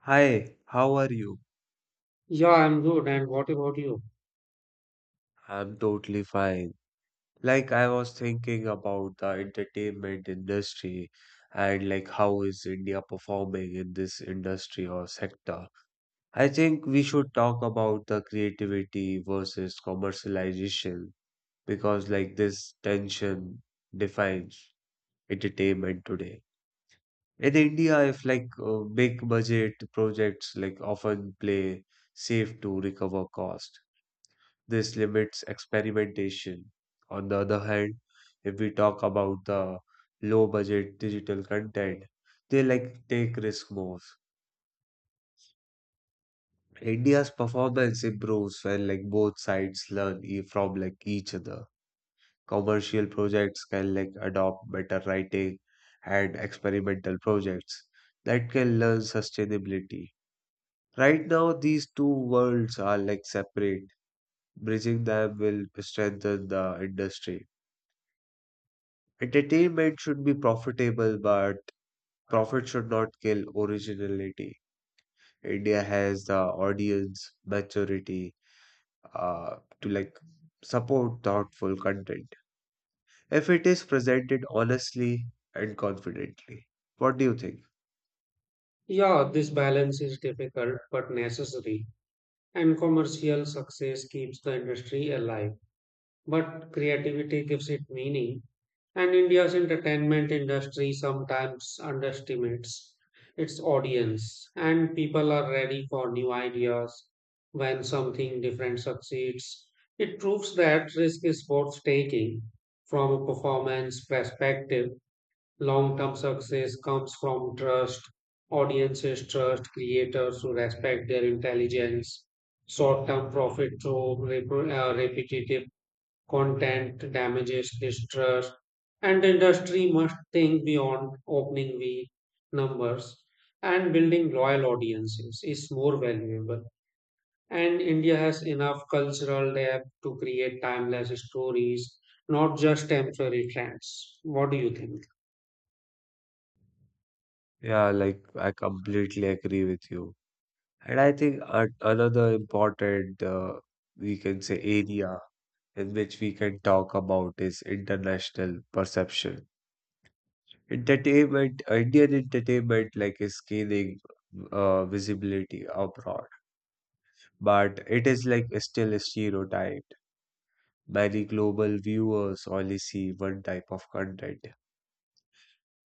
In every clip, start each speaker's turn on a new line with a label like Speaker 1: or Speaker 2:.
Speaker 1: Hi, how are you?
Speaker 2: Yeah, I'm good. And what about you?
Speaker 1: I'm totally fine. Like I was thinking about the entertainment industry and like how is India performing in this industry or sector. I think we should talk about the creativity versus commercialization because like this tension defines entertainment today. In India, if like big budget projects like often play safe to recover cost. This limits experimentation. On the other hand, if we talk about the low budget digital content, they like take risk more. India's performance improves when like both sides learn from like each other. Commercial projects can like adopt better writing and experimental projects that can learn sustainability. Right now, these two worlds are like separate. Bridging them will strengthen the industry. Entertainment should be profitable, but profit should not kill originality. India has the audience maturity to like support thoughtful content if it is presented honestly and confidently. What do you think?
Speaker 2: Yeah, this balance is difficult but necessary. And commercial success keeps the industry alive, but creativity gives it meaning. And India's entertainment industry sometimes underestimates its audience, and people are ready for new ideas when something different succeeds. It proves that risk is worth taking from a performance perspective. Long term success comes from trust. Audiences trust creators who respect their intelligence. Short term profit through repetitive content damages this trust. And the industry must think beyond opening V numbers and building loyal audiences is more valuable. And India has enough cultural depth to create timeless stories, not just temporary trends. What do you think?
Speaker 1: Yeah, like I completely agree with you. And I think another important, we can say, area in which we can talk about is international perception. Entertainment, Indian entertainment like is gaining visibility abroad, but it is like still stereotyped. Many global viewers only see one type of content.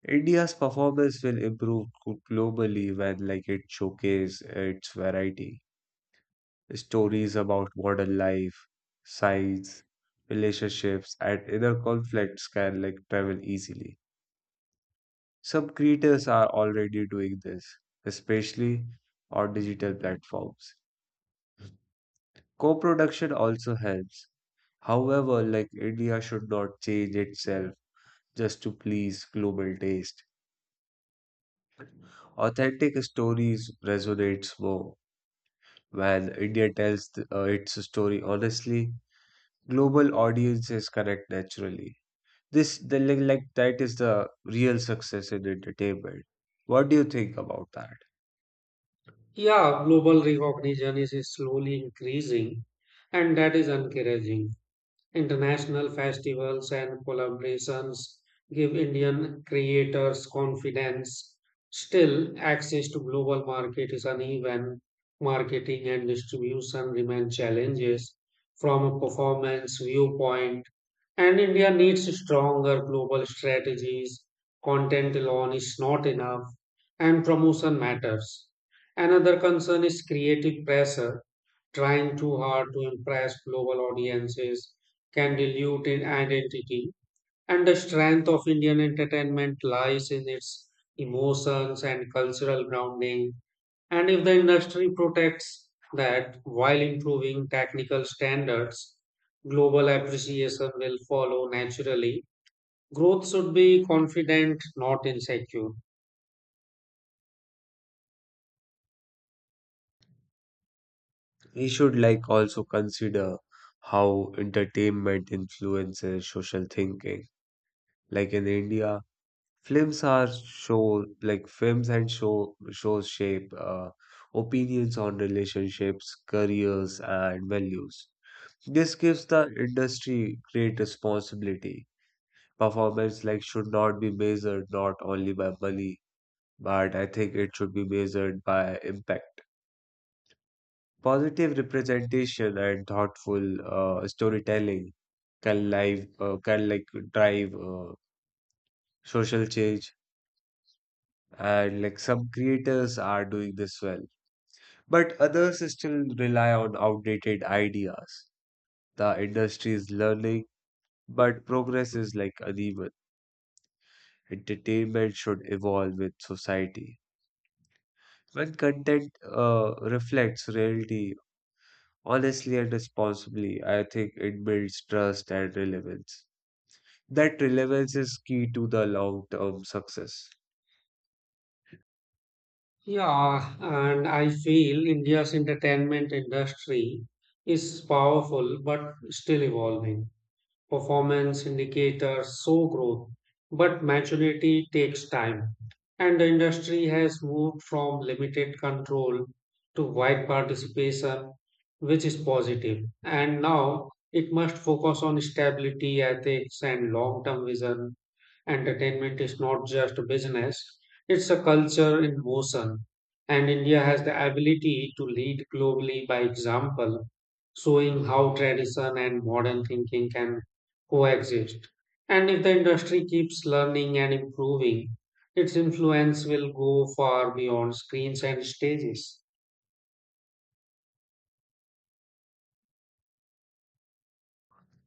Speaker 1: India's performance will improve globally when like it showcases its variety. Stories about modern life, science, relationships, and inner conflicts can like travel easily. Some creators are already doing this, especially on digital platforms. Co-production also helps. However, like India should not change itself just to please global taste. Authentic stories resonates more when India tells its story honestly. Global audiences connect naturally. This the like, That is the real success in entertainment. What do you think about that?
Speaker 2: Yeah, global recognition is slowly increasing, and that is encouraging. International festivals and collaborations give Indian creators confidence. Still, access to global market is uneven. Marketing and distribution remain challenges from a performance viewpoint. And India needs stronger global strategies. Content alone is not enough, and promotion matters. Another concern is creative pressure. Trying too hard to impress global audiences can dilute in identity. And the strength of Indian entertainment lies in its emotions and cultural grounding. And if the industry protects that while improving technical standards, global appreciation will follow naturally. Growth should be confident, not insecure.
Speaker 1: We should like also consider how entertainment influences social thinking. Like in India, films are show like films and shows shape opinions on relationships, careers, and values. This gives the industry great responsibility. Performance like should not be measured not only by money, but I think it should be measured by impact. Positive representation and thoughtful storytelling can like drive social change, and like some creators are doing this well, but others still rely on outdated ideas. The industry is learning, but progress is like uneven. Entertainment should evolve with society. When content reflects reality honestly and responsibly, I think it builds trust and relevance. That relevance is key to the long-term success.
Speaker 2: Yeah, and I feel India's entertainment industry is powerful but still evolving. Performance indicators show growth, but maturity takes time. And the industry has moved from limited control to wide participation, which is positive. And now it must focus on stability, ethics, and long term vision. Entertainment is not just business, it's a culture in motion. And India has the ability to lead globally by example, showing how tradition and modern thinking can coexist. And if the industry keeps learning and improving, its influence will go far beyond screens and stages.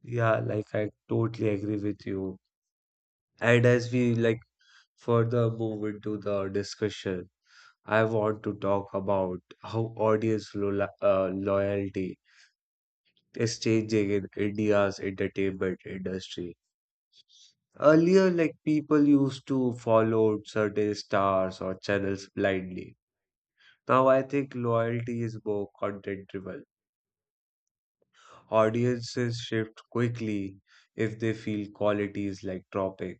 Speaker 1: Yeah, like I totally agree with you. And as we like further move into the discussion, I want to talk about how audience lo loyalty is changing in India's entertainment industry. Earlier, like people used to follow certain stars or channels blindly. Now I think loyalty is more content-driven. Audiences shift quickly if they feel quality is like dropping.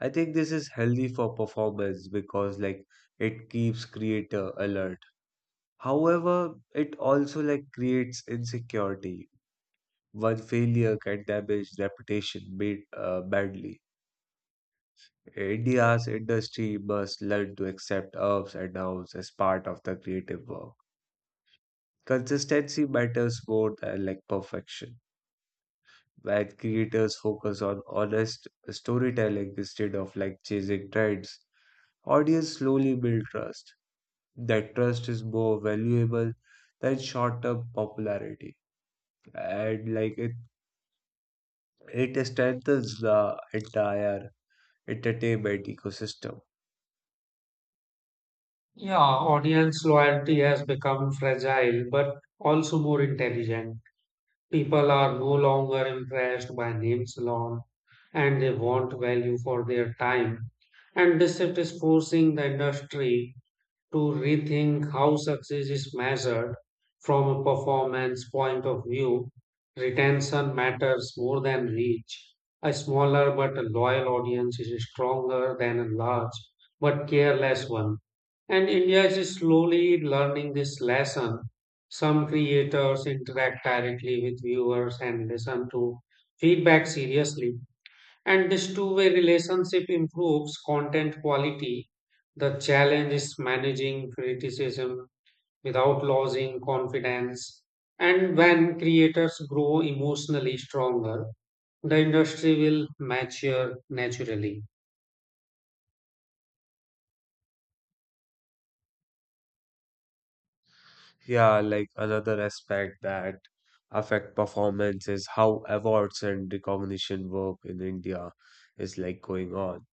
Speaker 1: I think this is healthy for performance because like it keeps creator alert. However, it also like creates insecurity. One failure can damage reputation badly. India's industry must learn to accept ups and downs as part of the creative work. Consistency matters more than like perfection. Where creators focus on honest storytelling instead of like chasing trends. Audience slowly build trust. That trust is more valuable than short-term popularity, and like it strengthens the entire entertainment ecosystem.
Speaker 2: Yeah, audience loyalty has become fragile but also more intelligent. People are no longer impressed by names alone and they want value for their time. And this shift is forcing the industry to rethink how success is measured from a performance point of view. Retention matters more than reach. A smaller but a loyal audience is stronger than a large but careless one. And India is slowly learning this lesson. Some creators interact directly with viewers and listen to feedback seriously, and this two-way relationship improves content quality. The challenge is managing criticism without losing confidence. And when creators grow emotionally stronger, the industry will mature naturally.
Speaker 1: Yeah, like another aspect that affect performance is how awards and recognition work in India is like going on.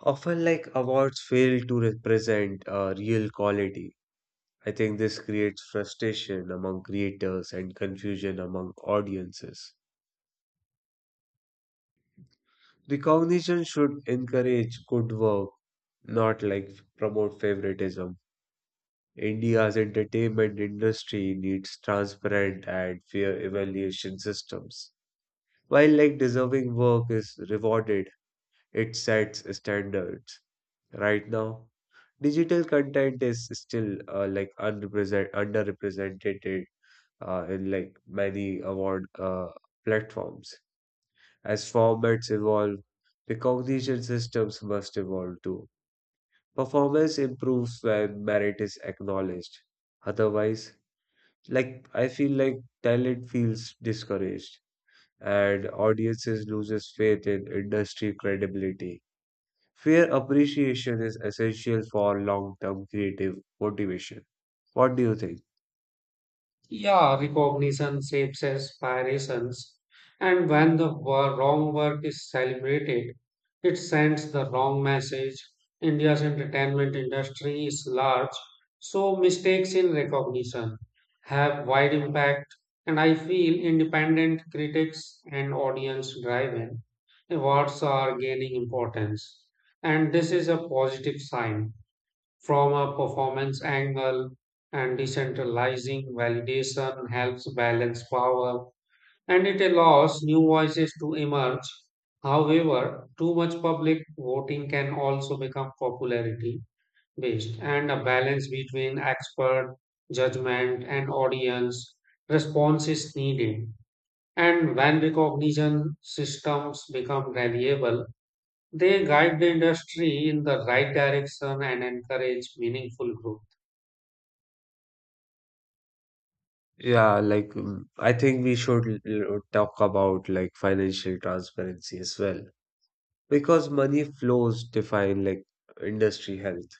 Speaker 1: Often, like awards fail to represent real quality. I think this creates frustration among creators and confusion among audiences. Recognition should encourage good work, not like promote favoritism. India's entertainment industry needs transparent and fair evaluation systems. While like deserving work is rewarded, it sets standards. Right now, digital content is still like unrepresent underrepresented in like many award platforms. As formats evolve, the recognition systems must evolve too. Performance improves when merit is acknowledged. Otherwise, like I feel like talent feels discouraged and audiences loses faith in industry credibility. Fair appreciation is essential for long term creative motivation. What do you think?
Speaker 2: Yeah, recognition shapes aspirations, and when the wrong work is celebrated, it sends the wrong message. India's entertainment industry is large, so mistakes in recognition have wide impact, and I feel independent critics and audience-driven awards are gaining importance, and this is a positive sign from a performance angle and decentralizing validation helps balance power and it allows new voices to emerge. However, too much public voting can also become popularity based and a balance between expert judgment and audience response is needed. And when recognition systems become reliable, they guide the industry in the right direction and encourage meaningful growth.
Speaker 1: Yeah, like I think we should talk about like financial transparency as well because money flows define like industry health.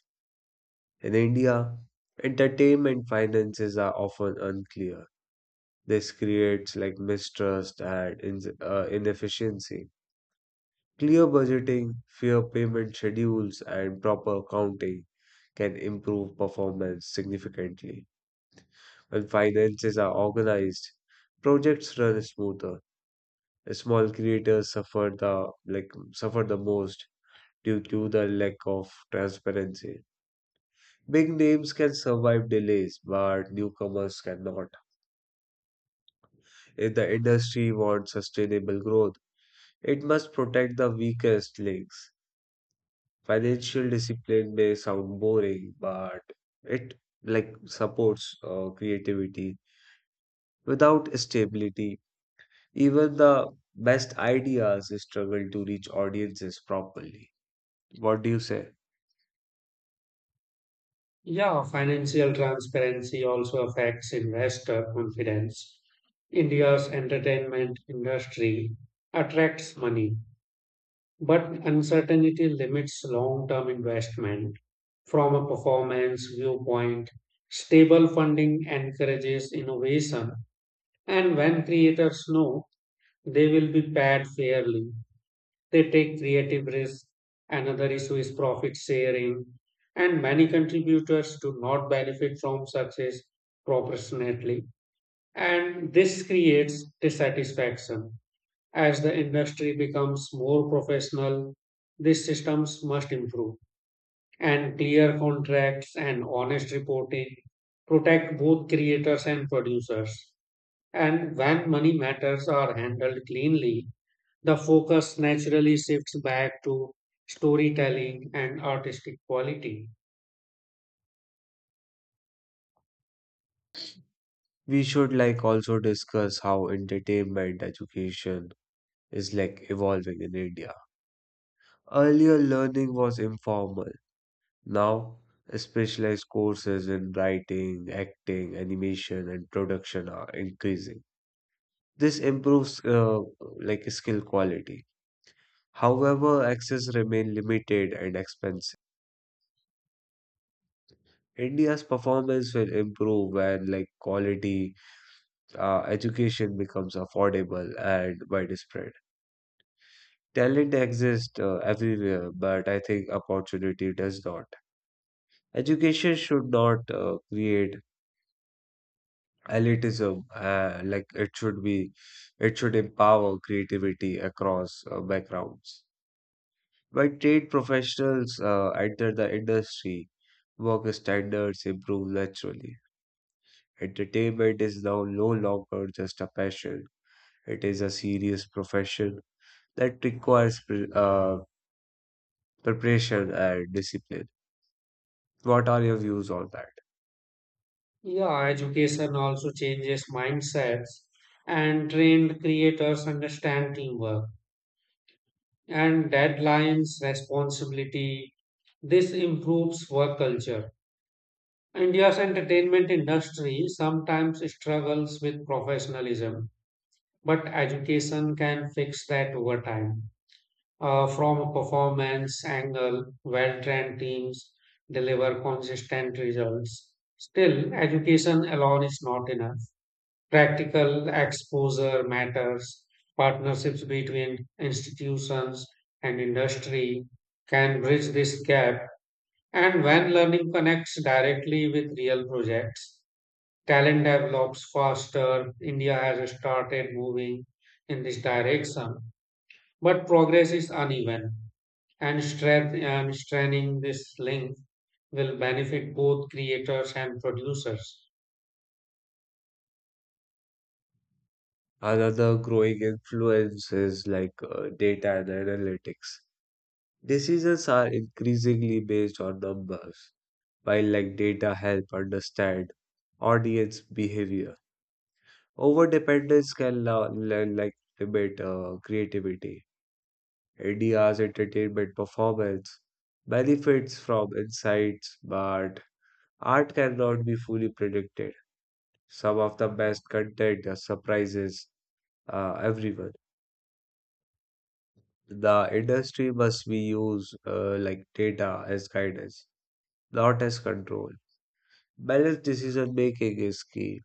Speaker 1: In India, entertainment finances are often unclear. This creates like mistrust and inefficiency. Clear budgeting, fair payment schedules, and proper accounting can improve performance significantly. When finances are organized, projects run smoother. Small creators suffer the like suffer the most due to the lack of transparency. Big names can survive delays, but newcomers cannot. If the industry wants sustainable growth, it must protect the weakest links. Financial discipline may sound boring, but it like supports creativity. Without stability, even the best ideas struggle to reach audiences properly. What do you say?
Speaker 2: Yeah, financial transparency also affects investor confidence. India's entertainment industry attracts money, but uncertainty limits long-term investment. From a performance viewpoint, stable funding encourages innovation, and when creators know they will be paid fairly, they take creative risks. Another issue is profit sharing, and many contributors do not benefit from success proportionately. And this creates dissatisfaction. As the industry becomes more professional, these systems must improve. And clear contracts and honest reporting protect both creators and producers. And when money matters are handled cleanly, the focus naturally shifts back to storytelling and artistic quality.
Speaker 1: We should like also discuss how entertainment education is like evolving in India. Earlier, learning was informal. Now, specialized courses in writing, acting, animation, and production are increasing. This improves like skill quality. However, access remain limited and expensive. India's performance will improve when like quality education becomes affordable and widespread. Talent exists everywhere, but I think opportunity does not. Education should not create elitism. Like it should empower creativity across backgrounds. By trade professionals enter the industry, work standards improve naturally. Entertainment is now no longer just a passion, it is a serious profession that requires preparation and discipline. What are your views on that?
Speaker 2: Yeah, education also changes mindsets and trained creators understand teamwork and deadlines, responsibility. This improves work culture. India's entertainment industry sometimes struggles with professionalism, but education can fix that over time. From a performance angle, well trained teams deliver consistent results. Still, education alone is not enough. Practical exposure matters. Partnerships between institutions and industry can bridge this gap. And when learning connects directly with real projects, talent develops faster. India has started moving in this direction, but progress is uneven and straining this link will benefit both creators and producers.
Speaker 1: Another growing influence is like data and analytics. Decisions are increasingly based on numbers, while like data help understand audience behavior. Over dependence can like limit creativity. NDR's entertainment performance benefits from insights, but art cannot be fully predicted. Some of the best content surprises everyone. The industry must be used like data as guidance, not as control. Balanced decision making is key,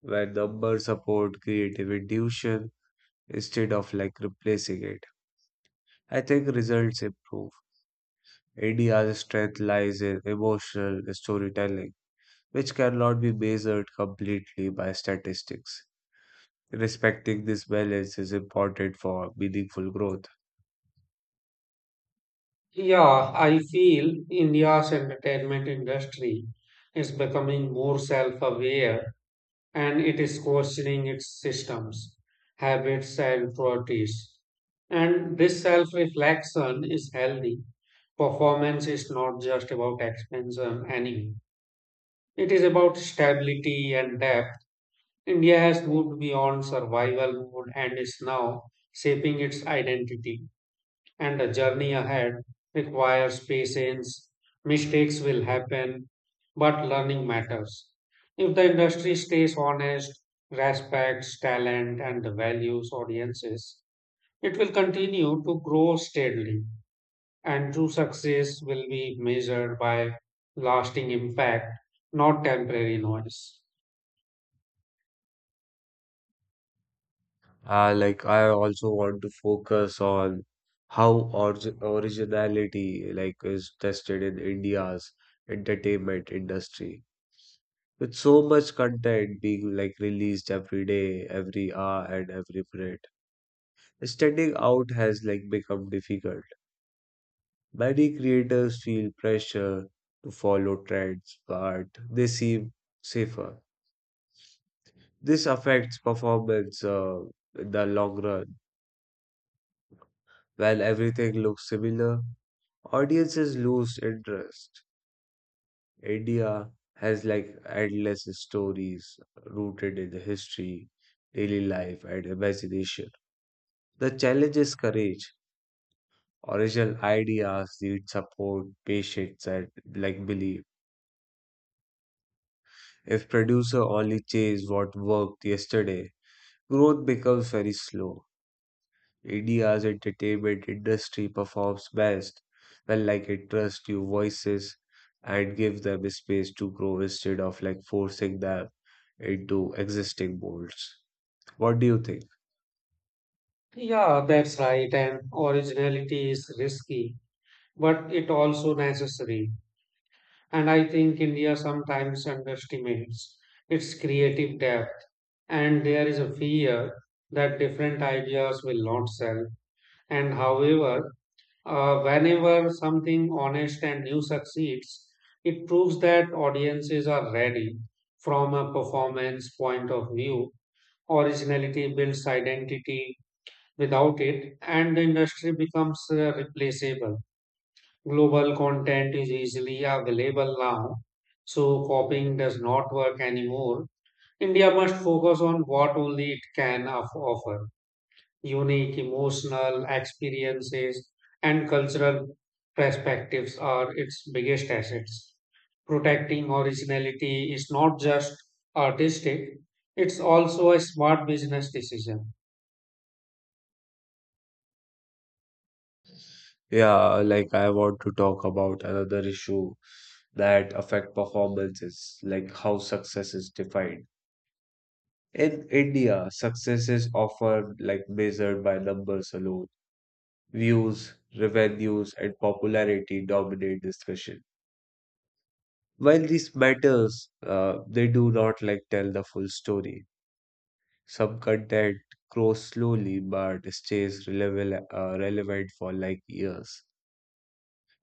Speaker 1: where numbers support creative intuition instead of like replacing it. I think results improve. India's strength lies in emotional storytelling, which cannot be measured completely by statistics. Respecting this balance is important for meaningful growth.
Speaker 2: Yeah, I feel India's entertainment industry is becoming more self aware and it is questioning its systems, habits, and priorities. And this self reflection is healthy. Performance is not just about expansion anymore, it is about stability and depth. India has moved beyond survival mode and is now shaping its identity. And the journey ahead requires patience. Mistakes will happen, but learning matters. If the industry stays honest, respects talent and values audiences, it will continue to grow steadily. And true success will be measured by lasting impact, not temporary noise.
Speaker 1: Like I also want to focus on how originality like is tested in India's entertainment industry. With so much content being like released every day, every hour, and every minute. Standing out has like become difficult. Many creators feel pressure to follow trends, but they seem safer. This affects performance in the long run. When everything looks similar, audiences lose interest. India has like endless stories rooted in the history, daily life, and imagination. The challenge is courage. Original ideas need support, patience, and like belief. If producer only chase what worked yesterday, growth becomes very slow. India's entertainment industry performs best when like it trusts your voices and give them space to grow instead of like forcing them into existing molds. What do you think?
Speaker 2: Yeah, that's right. And originality is risky, but it also necessary. And I think India sometimes underestimates its creative depth. And there is a fear that different ideas will not sell. And however, whenever something honest and new succeeds, it proves that audiences are ready from a performance point of view. Originality builds identity without it, and the industry becomes replaceable. Global content is easily available now, so copying does not work anymore. India must focus on what only it can offer unique emotional experiences and cultural perspectives are its biggest assets. Protecting originality is not just artistic, it's also a smart business decision.
Speaker 1: Yeah, like I want to talk about another issue that affect performances, like how success is defined. In India, success is often like measured by numbers alone. Views, revenues, and popularity dominate discussion. While these matters, they do not like tell the full story. Some content grows slowly but stays relevant for like years.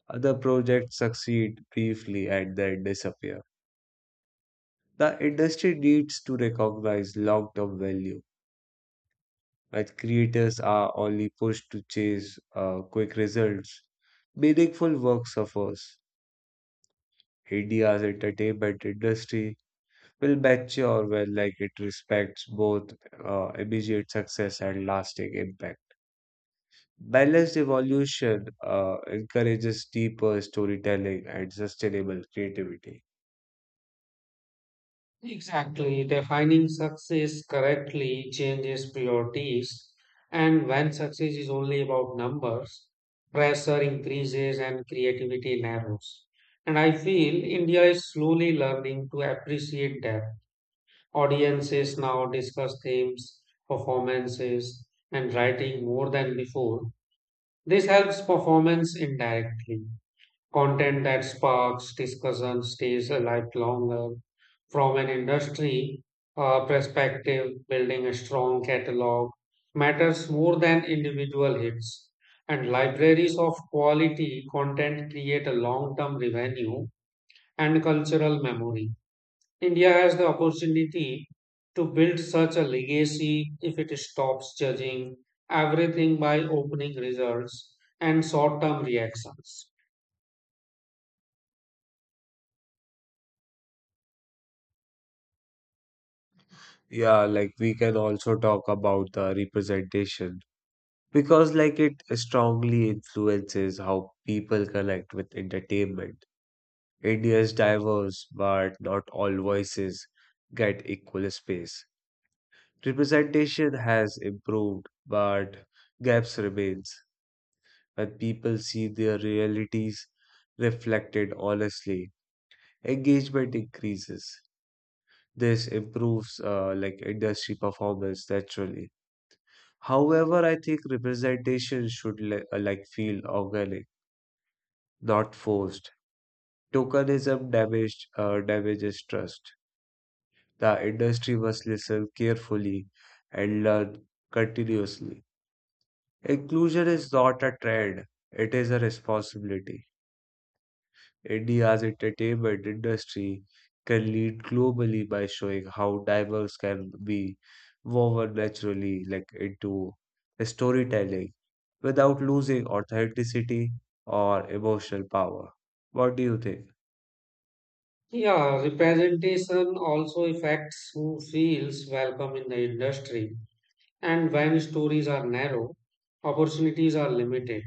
Speaker 1: Other projects succeed briefly and then disappear. The industry needs to recognize long-term value, but creators are only pushed to chase quick results. Meaningful work suffers. India's entertainment industry will mature when like it respects both immediate success and lasting impact. Balanced evolution encourages deeper storytelling and sustainable creativity.
Speaker 2: Exactly, defining success correctly changes priorities, and when success is only about numbers, pressure increases and creativity narrows. And I feel India is slowly learning to appreciate that. Audiences now discuss themes, performances, and writing more than before. This helps performance indirectly. Content that sparks discussion stays alive longer. From an industry perspective, building a strong catalog matters more than individual hits. And libraries of quality content create a long term revenue and cultural memory. India has the opportunity to build such a legacy if it stops judging everything by opening results and short term reactions.
Speaker 1: Yeah, like we can also talk about the representation because like it strongly influences how people connect with entertainment. India's diverse, but not all voices get equal space. Representation has improved, but gaps remains. When people see their realities reflected honestly, engagement increases. This improves like industry performance naturally. However, I think representation should like feel organic, not forced. Tokenism damaged damages trust. The industry must listen carefully and learn continuously. Inclusion is not a trend, it is a responsibility. India's entertainment industry can lead globally by showing how diverse can be woven naturally like into storytelling without losing authenticity or emotional power. What do you think?
Speaker 2: Yeah, representation also affects who feels welcome in the industry. And when stories are narrow, opportunities are limited.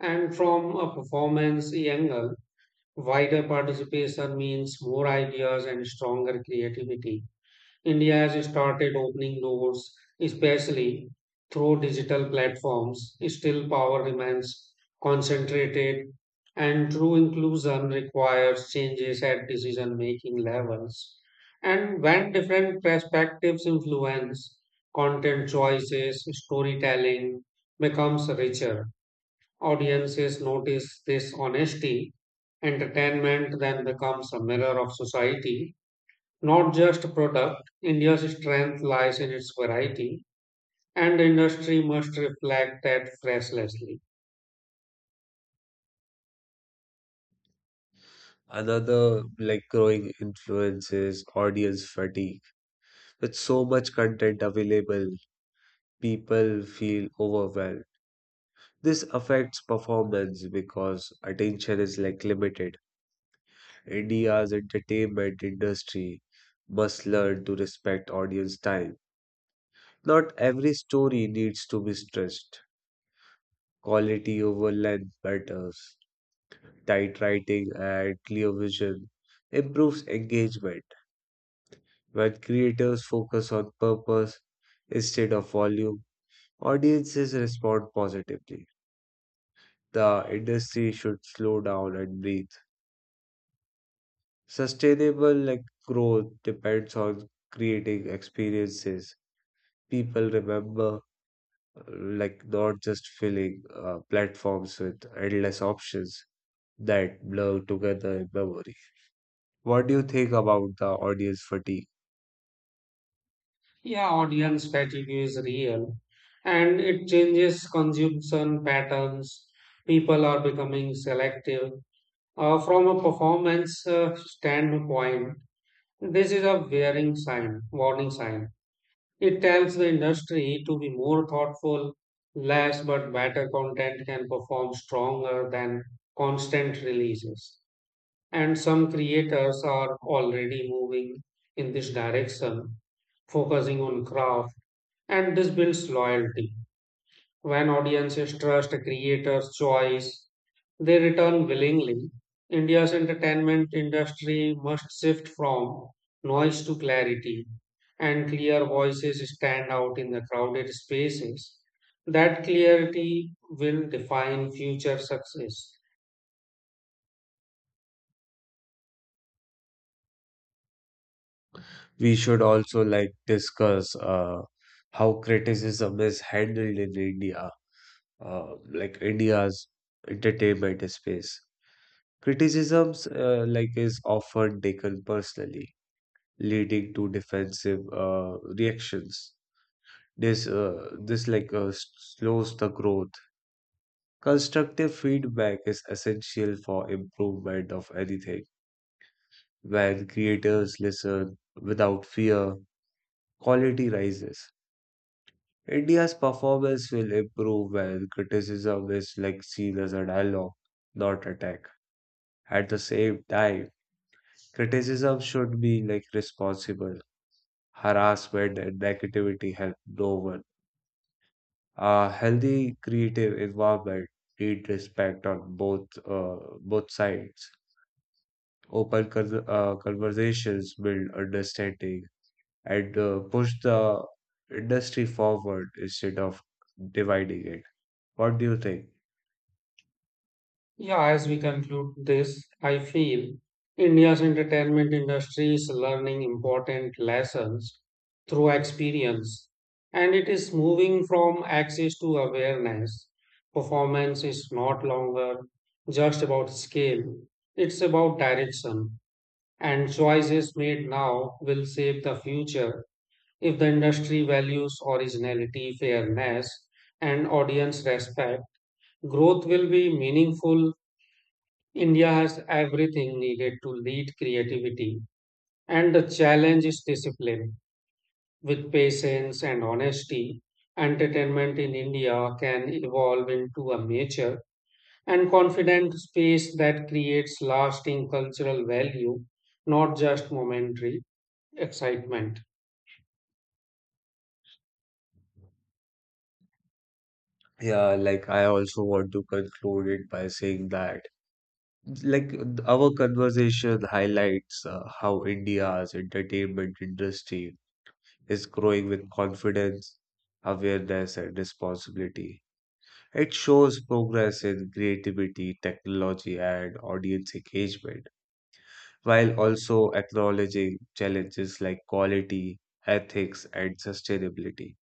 Speaker 2: And from a performance angle, wider participation means more ideas and stronger creativity. India has started opening doors, especially through digital platforms. Still, power remains concentrated, and true inclusion requires changes at decision making levels. And when different perspectives influence content choices, storytelling becomes richer. Audiences notice this honesty. Entertainment then becomes a mirror of society not just product. India's strength lies in its variety, and the industry must reflect that restlessly.
Speaker 1: Another like growing influence is audience fatigue. With so much content available, people feel overwhelmed. This affects performance because attention is like limited. India's entertainment industry must learn to respect audience time. Not every story needs to be stretched. Quality over length matters. Tight writing and clear vision improves engagement. When creators focus on purpose instead of volume, audiences respond positively. The industry should slow down and breathe. Sustainable like growth depends on creating experiences people remember, like not just filling platforms with endless options that blur together in memory. What do you think about the audience fatigue?
Speaker 2: Yeah, audience fatigue is real, and it changes consumption patterns. People are becoming selective. From a performance standpoint, this is a wearing sign, warning sign. It tells the industry to be more thoughtful, less but better content can perform stronger than constant releases. And some creators are already moving in this direction, focusing on craft, and this builds loyalty. When audiences trust a creator's choice, they return willingly. India's entertainment industry must shift from noise to clarity, and clear voices stand out in the crowded spaces. That clarity will define future success.
Speaker 1: We should also like discuss how criticism is handled in India, like India's entertainment space. Criticisms like is often taken personally, leading to defensive reactions. This like slows the growth. Constructive feedback is essential for improvement of anything. When creators listen without fear, quality rises. India's performance will improve when criticism is like seen as a dialogue, not attack. At the same time, criticism should be like responsible. Harassment and negativity help no one. A healthy creative involvement need respect on both sides. Open conversations build understanding and push the industry forward instead of dividing it. What do you think?
Speaker 2: Yeah, as we conclude this, I feel India's entertainment industry is learning important lessons through experience, and it is moving from access to awareness. Performance is not longer just about scale, it's about direction, and choices made now will shape the future if the industry values originality, fairness, and audience respect. Growth will be meaningful. India has everything needed to lead creativity, and the challenge is discipline. With patience and honesty, entertainment in India can evolve into a mature and confident space that creates lasting cultural value, not just momentary excitement.
Speaker 1: Yeah, like I also want to conclude it by saying that like our conversation highlights how India's entertainment industry is growing with confidence, awareness, and responsibility. It shows progress in creativity, technology, and audience engagement, while also acknowledging challenges like quality, ethics, and sustainability.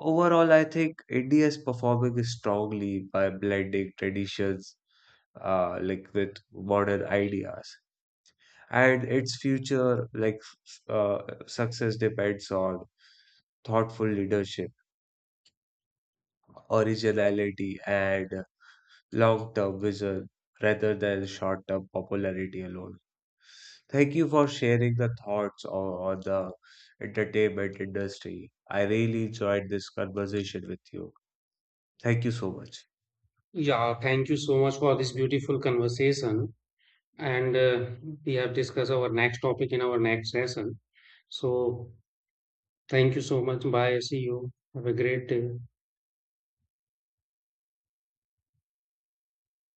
Speaker 1: Overall, I think India is performing strongly by blending traditions like with modern ideas, and its future like success depends on thoughtful leadership, originality, and long term vision rather than short term popularity alone. Thank you for sharing the thoughts on the entertainment industry. I really enjoyed this conversation with you. Thank you so much.
Speaker 2: Yeah, thank you so much for this beautiful conversation. And we have discussed our next topic in our next session. So, thank you so much. Bye. See you. Have a great day.